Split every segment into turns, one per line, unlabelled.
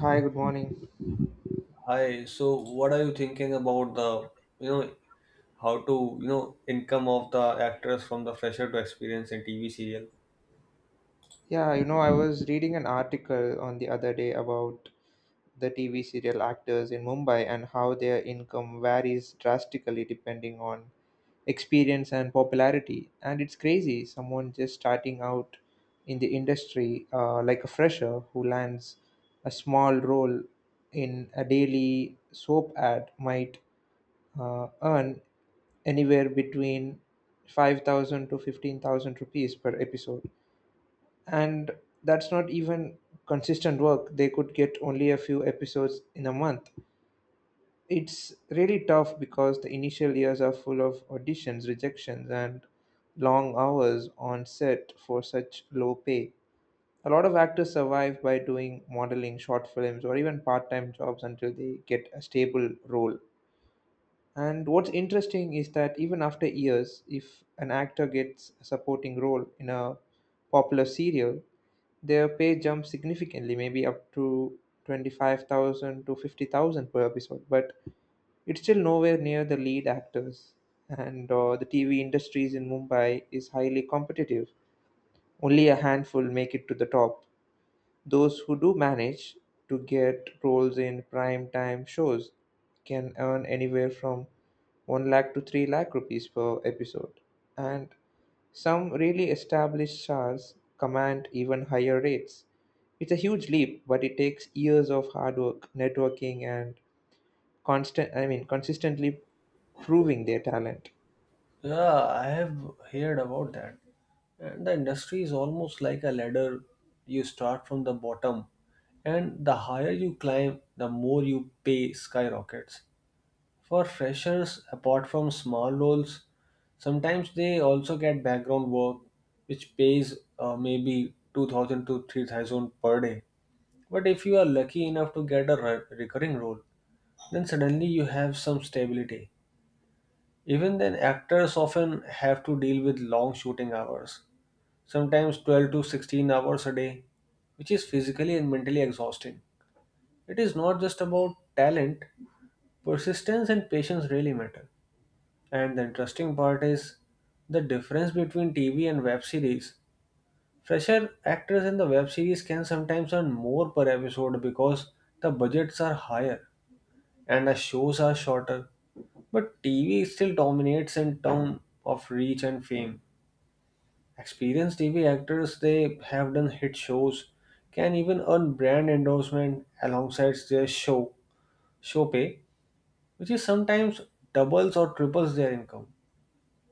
Hi, good morning.
Hi, so what are you thinking about the, you know, how to, you know, income of the actress from the fresher to experience in TV serial?
Yeah, I was reading an article on the other day about the TV serial actors in Mumbai and how their income varies drastically depending on experience and popularity. And it's crazy, someone just starting out in the industry, like a fresher who lands a small role in a daily soap ad, might earn anywhere between 5,000 to 15,000 rupees per episode, and that's not even consistent work. They could get only a few episodes in a month. It's really tough because the initial years are full of auditions, rejections, and long hours on set for such low pay. A lot of actors survive by doing modeling, short films, or even part-time jobs until they get a stable role. And what's interesting is that even after years, if an actor gets a supporting role in a popular serial, their pay jumps significantly, maybe up to 25,000 to 50,000 per episode. But it's still nowhere near the lead actors. And the TV industries in Mumbai is highly competitive. Only a handful make it to the top. Those who do manage to get roles in prime time shows can earn anywhere from 1 lakh to 3 lakh rupees per episode, and some really established stars command even higher rates. It's a huge leap, but it takes years of hard work, networking, and constant I mean consistently proving their talent.
Yeah, I have heard about that. And the industry is almost like a ladder. You start from the bottom, and the higher you climb, the more you pay skyrockets. For freshers, apart from small roles, sometimes they also get background work, which pays maybe 2000 to 3000 per day. But if you are lucky enough to get a recurring role, then suddenly you have some stability. Even then, actors often have to deal with long shooting hours, sometimes 12 to 16 hours a day, which is physically and mentally exhausting. It is not just about talent, persistence and patience really matter. And the interesting part is the difference between TV and web series. Fresher actors in the web series can sometimes earn more per episode because the budgets are higher and the shows are shorter, but TV still dominates in terms of reach and fame. Experienced TV actors they have done hit shows can even earn brand endorsement alongside their show pay, which is sometimes doubles or triples their income.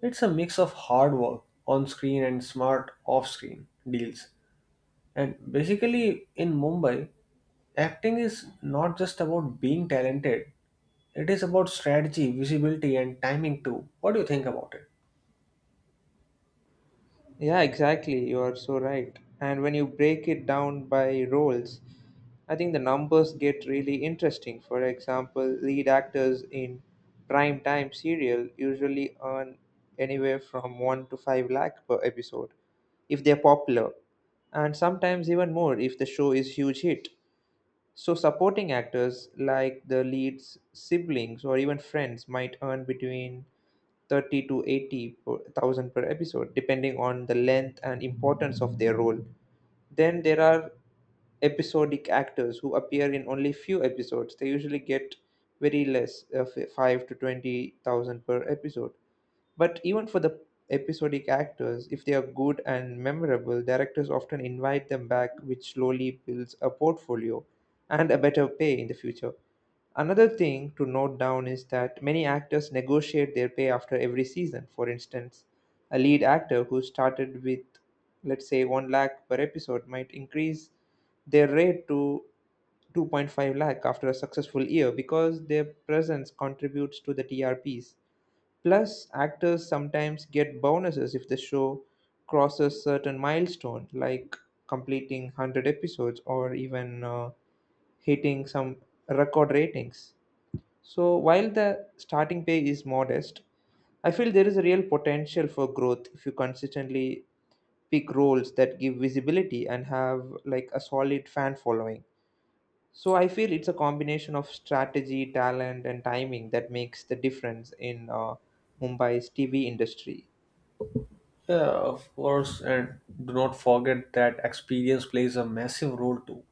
It's a mix of hard work on screen and smart off screen deals. And basically in Mumbai, acting is not just about being talented, it is about strategy, visibility, and timing too. What do you think about it?
Yeah, exactly. You are so right. And when you break it down by roles, I think the numbers get really interesting. For example, lead actors in prime time serial usually earn anywhere from 1 to 5 lakh per episode if they're popular, and sometimes even more if the show is huge hit. So, supporting actors like the lead's siblings or even friends might earn between 30 to 80 thousand per episode, depending on the length and importance of their role. Then there are episodic actors who appear in only few episodes. They usually get very less, 5 to 20,000 per episode. But even for the episodic actors, if they are good and memorable, directors often invite them back, which slowly builds a portfolio and a better pay in the future. Another thing to note down is that many actors negotiate their pay after every season. For instance, a lead actor who started with, let's say, 1 lakh per episode might increase their rate to 2.5 lakh after a successful year because their presence contributes to the TRPs. Plus, actors sometimes get bonuses if the show crosses certain milestone, like completing 100 episodes or even hitting some record ratings. So, while the starting pay is modest, I feel there is a real potential for growth if you consistently pick roles that give visibility and have like a solid fan following. So I feel it's a combination of strategy, talent, and timing that makes the difference in Mumbai's TV industry.
Yeah, of course, and do not forget that experience plays a massive role too.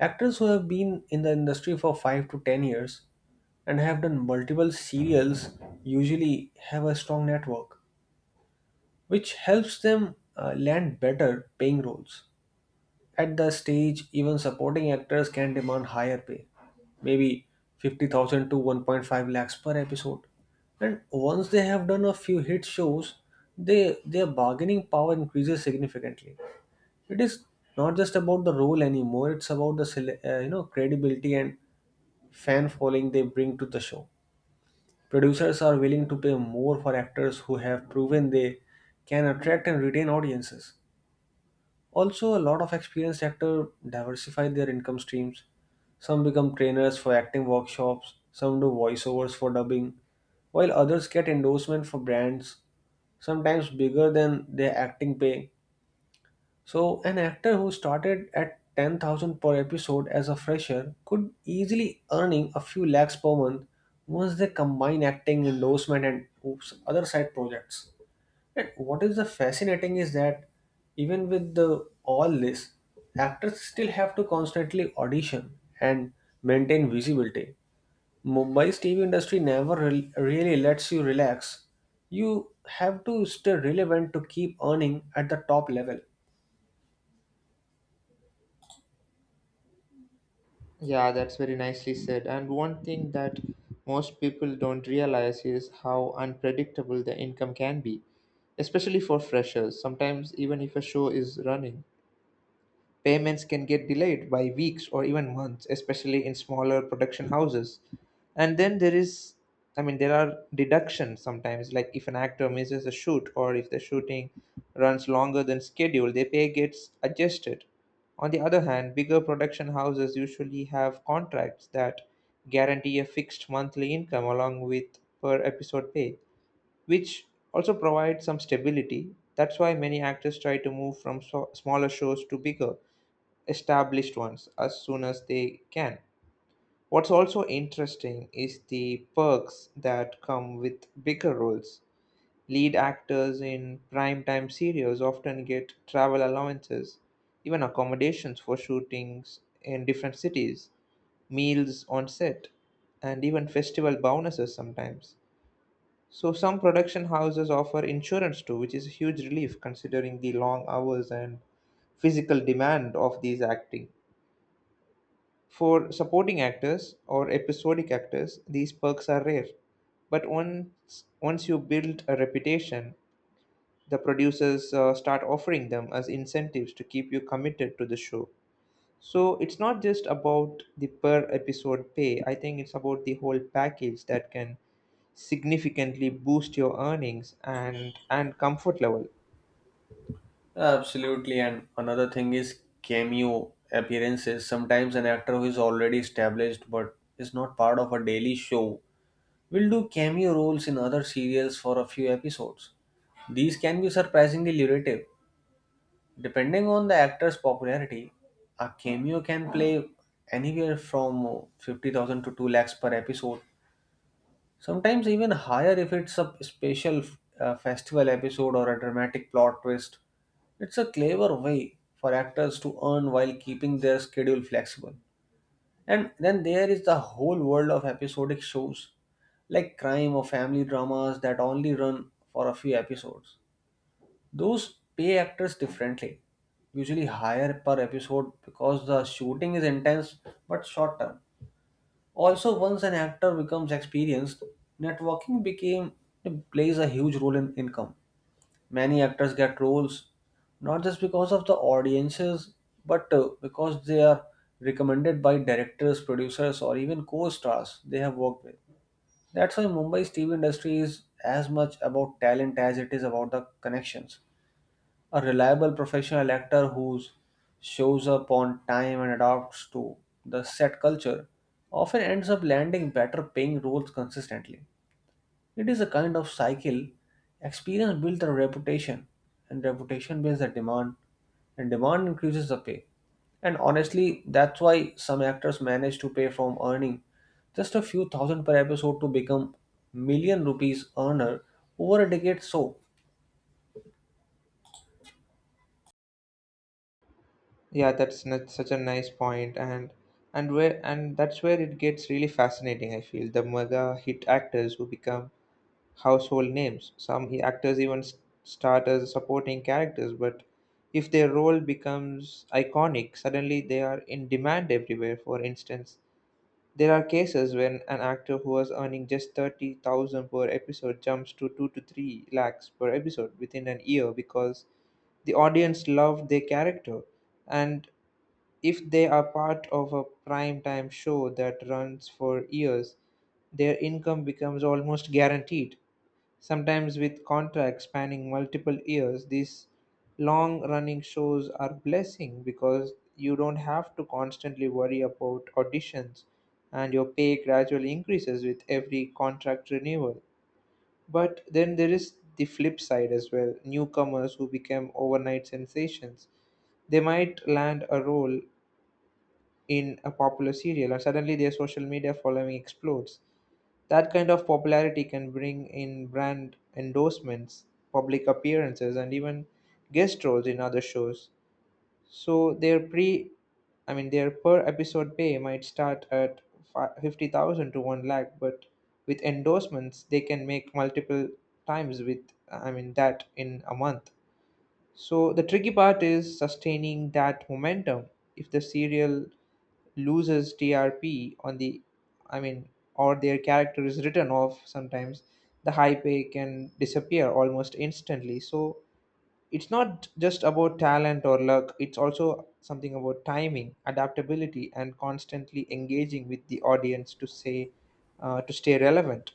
Actors who have been in the industry for 5 to 10 years and have done multiple serials usually have a strong network, which helps them land better paying roles. At the stage, even supporting actors can demand higher pay, maybe 50,000 to 1.5 lakhs per episode. And once they have done a few hit shows, they, their bargaining power increases significantly. It is not just about the role anymore, it's about the you know credibility and fan following they bring to the show. Producers are willing to pay more for actors who have proven they can attract and retain audiences. Also, a lot of experienced actors diversify their income streams. Some become trainers for acting workshops, some do voiceovers for dubbing, while others get endorsement for brands, sometimes bigger than their acting pay. So, an actor who started at 10,000 per episode as a fresher could easily earning a few lakhs per month once they combine acting endorsement and oops, other side projects. And what is the fascinating is that even with the all this, actors still have to constantly audition and maintain visibility. Mumbai's TV industry never really lets you relax. You have to stay relevant to keep earning at the top level.
Yeah, that's very nicely said. And one thing that most people don't realize is how unpredictable the income can be, especially for freshers. Sometimes, even if a show is running, payments can get delayed by weeks or even months, especially in smaller production houses. And I mean, there are deductions sometimes, like if an actor misses a shoot or if the shooting runs longer than scheduled, their pay gets adjusted. On the other hand, bigger production houses usually have contracts that guarantee a fixed monthly income along with per episode pay, which also provides some stability. That's why many actors try to move from smaller shows to bigger established ones as soon as they can. What's also interesting is the perks that come with bigger roles. Lead actors in primetime serials often get travel allowances, even accommodations for shootings in different cities, meals on set, and even festival bonuses sometimes. So, some production houses offer insurance too, which is a huge relief considering the long hours and physical demand of these acting. For supporting actors or episodic actors, these perks are rare. But once you build a reputation, the producers start offering them as incentives to keep you committed to the show. So it's not just about the per episode pay, I think it's about the whole package that can significantly boost your earnings and comfort level.
Absolutely, and another thing is cameo appearances. Sometimes an actor who is already established but is not part of a daily show will do cameo roles in other serials for a few episodes. These can be surprisingly lucrative. Depending on the actor's popularity, a cameo can play anywhere from 50,000 to 2 lakhs per episode, sometimes even higher if it's a special festival episode or a dramatic plot twist. It's a clever way for actors to earn while keeping their schedule flexible. And then there is the whole world of episodic shows, like crime or family dramas that only run for a few episodes. Those pay actors differently, usually higher per episode because the shooting is intense but short term. Also, once an actor becomes experienced, networking became plays a huge role in income. Many actors get roles not just because of the audiences, but because they are recommended by directors, producers, or even co stars they have worked with. That's why Mumbai's TV industry is as much about talent as it is about the connections. A reliable professional actor who shows up on time and adapts to the set culture often ends up landing better paying roles consistently. It is a kind of cycle. Experience builds a reputation, and reputation builds a demand, and demand increases the pay. And honestly, that's why some actors manage to pay from earning just a few thousand per episode to become million rupees earner over a decade. So
Yeah, that's not such a nice point, and where and that's where it gets really fascinating. I feel the mega hit actors who become household names. Some actors even start as supporting characters, but if their role becomes iconic, suddenly they are in demand everywhere. For instance, there are cases when an actor who was earning just 30,000 per episode jumps to 2 to 3 lakhs per episode within an year because the audience loved their character, and if they are part of a prime time show that runs for years, their income becomes almost guaranteed. Sometimes, with contracts spanning multiple years, these long running shows are blessing because you don't have to constantly worry about auditions, and your pay gradually increases with every contract renewal. But then there is the flip side as well, newcomers who become overnight sensations. They might land a role in a popular serial, and suddenly their social media following explodes. That kind of popularity can bring in brand endorsements, public appearances, and even guest roles in other shows. So their I mean their per episode pay might start at 50,000 to 1 lakh, but with endorsements they can make multiple times with I mean that in a month. So the tricky part is sustaining that momentum. If the serial loses TRP I mean, or their character is written off sometimes, the hype can disappear almost instantly. So it's not just about talent or luck, it's also something about timing, adaptability, and constantly engaging with the audience to stay relevant.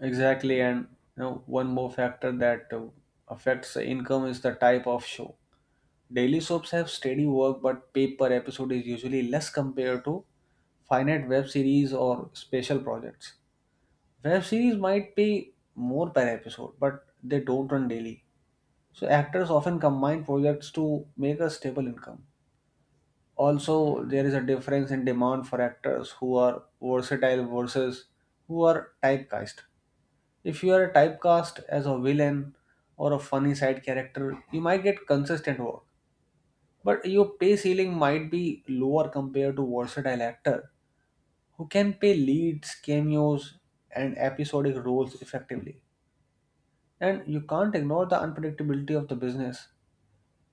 exactly, and you know, one more factor that affects the income is the type of show. Daily soaps have steady work, but pay per episode is usually less compared to finite web series or special projects. Web series might pay more per episode, but they don't run daily. So actors often combine projects to make a stable income. Also, there is a difference in demand for actors who are versatile versus who are typecast. If you are typecast as a villain or a funny side character, you might get consistent work. But your pay ceiling might be lower compared to versatile actor who can play leads, cameos, and episodic roles effectively. And you can't ignore the unpredictability of the business.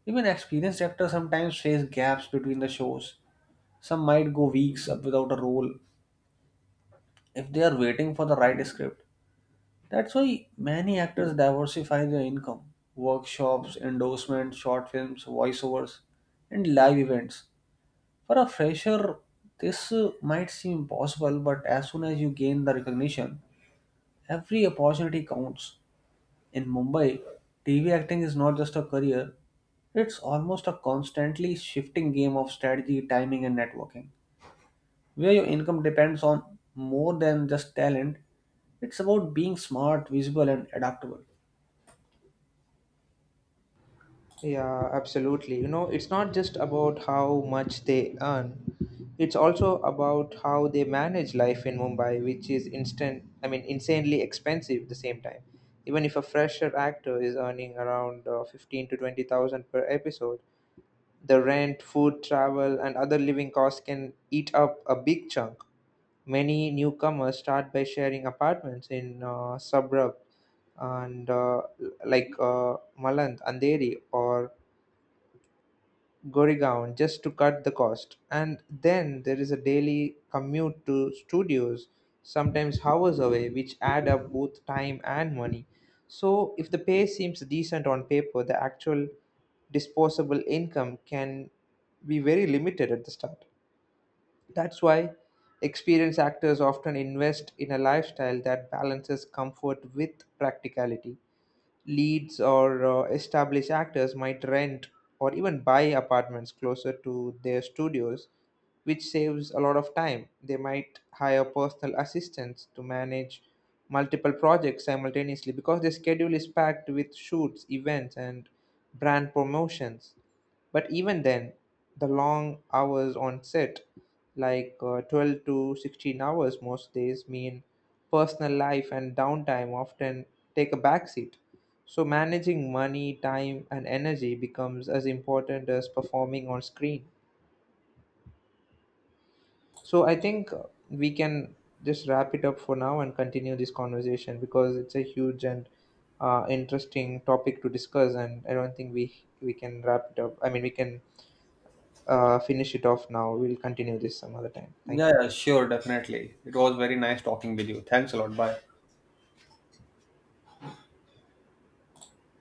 Even experienced actors sometimes face gaps between the shows. Some might go weeks up without a role if they are waiting for the right script. That's why many actors diversify their income. Workshops, endorsements, short films, voiceovers, and live events. For a fresher, this might seem possible, but as soon as you gain the recognition, every opportunity counts. In Mumbai, TV acting is not just a career, it's almost a constantly shifting game of strategy, timing, and networking, where your income depends on more than just talent. It's about being smart, visible, and adaptable.
Yeah, absolutely. It's not just about how much they earn. It's also about how they manage life in Mumbai, which is I mean, insanely expensive at the same time. Even if a fresher actor is earning around 15 to 20,000 per episode, the rent, food, travel, and other living costs can eat up a big chunk. Many newcomers start by sharing apartments in suburb and like Maland, Andheri, or Goregaon just to cut the cost. And then there is a daily commute to studios, sometimes hours away, which add up both time and money. So, if the pay seems decent on paper, the actual disposable income can be very limited at the start. That's why experienced actors often invest in a lifestyle that balances comfort with practicality. Leads or established actors might rent or even buy apartments closer to their studios, which saves a lot of time. They might hire personal assistants to manage multiple projects simultaneously because their schedule is packed with shoots, events, and brand promotions. But even then, the long hours on set, like 12 to 16 hours most days, mean personal life and downtime often take a backseat. So managing money, time, and energy becomes as important as performing on screen. So I think we can just wrap it up for now and continue this conversation because it's a huge and interesting topic to discuss, and I don't think we can wrap it up. I mean, we can finish it off now. We'll continue this some other time. Thank
Yeah,
you.
yeah, sure, definitely. It was very nice talking with you. Thanks a lot. Bye.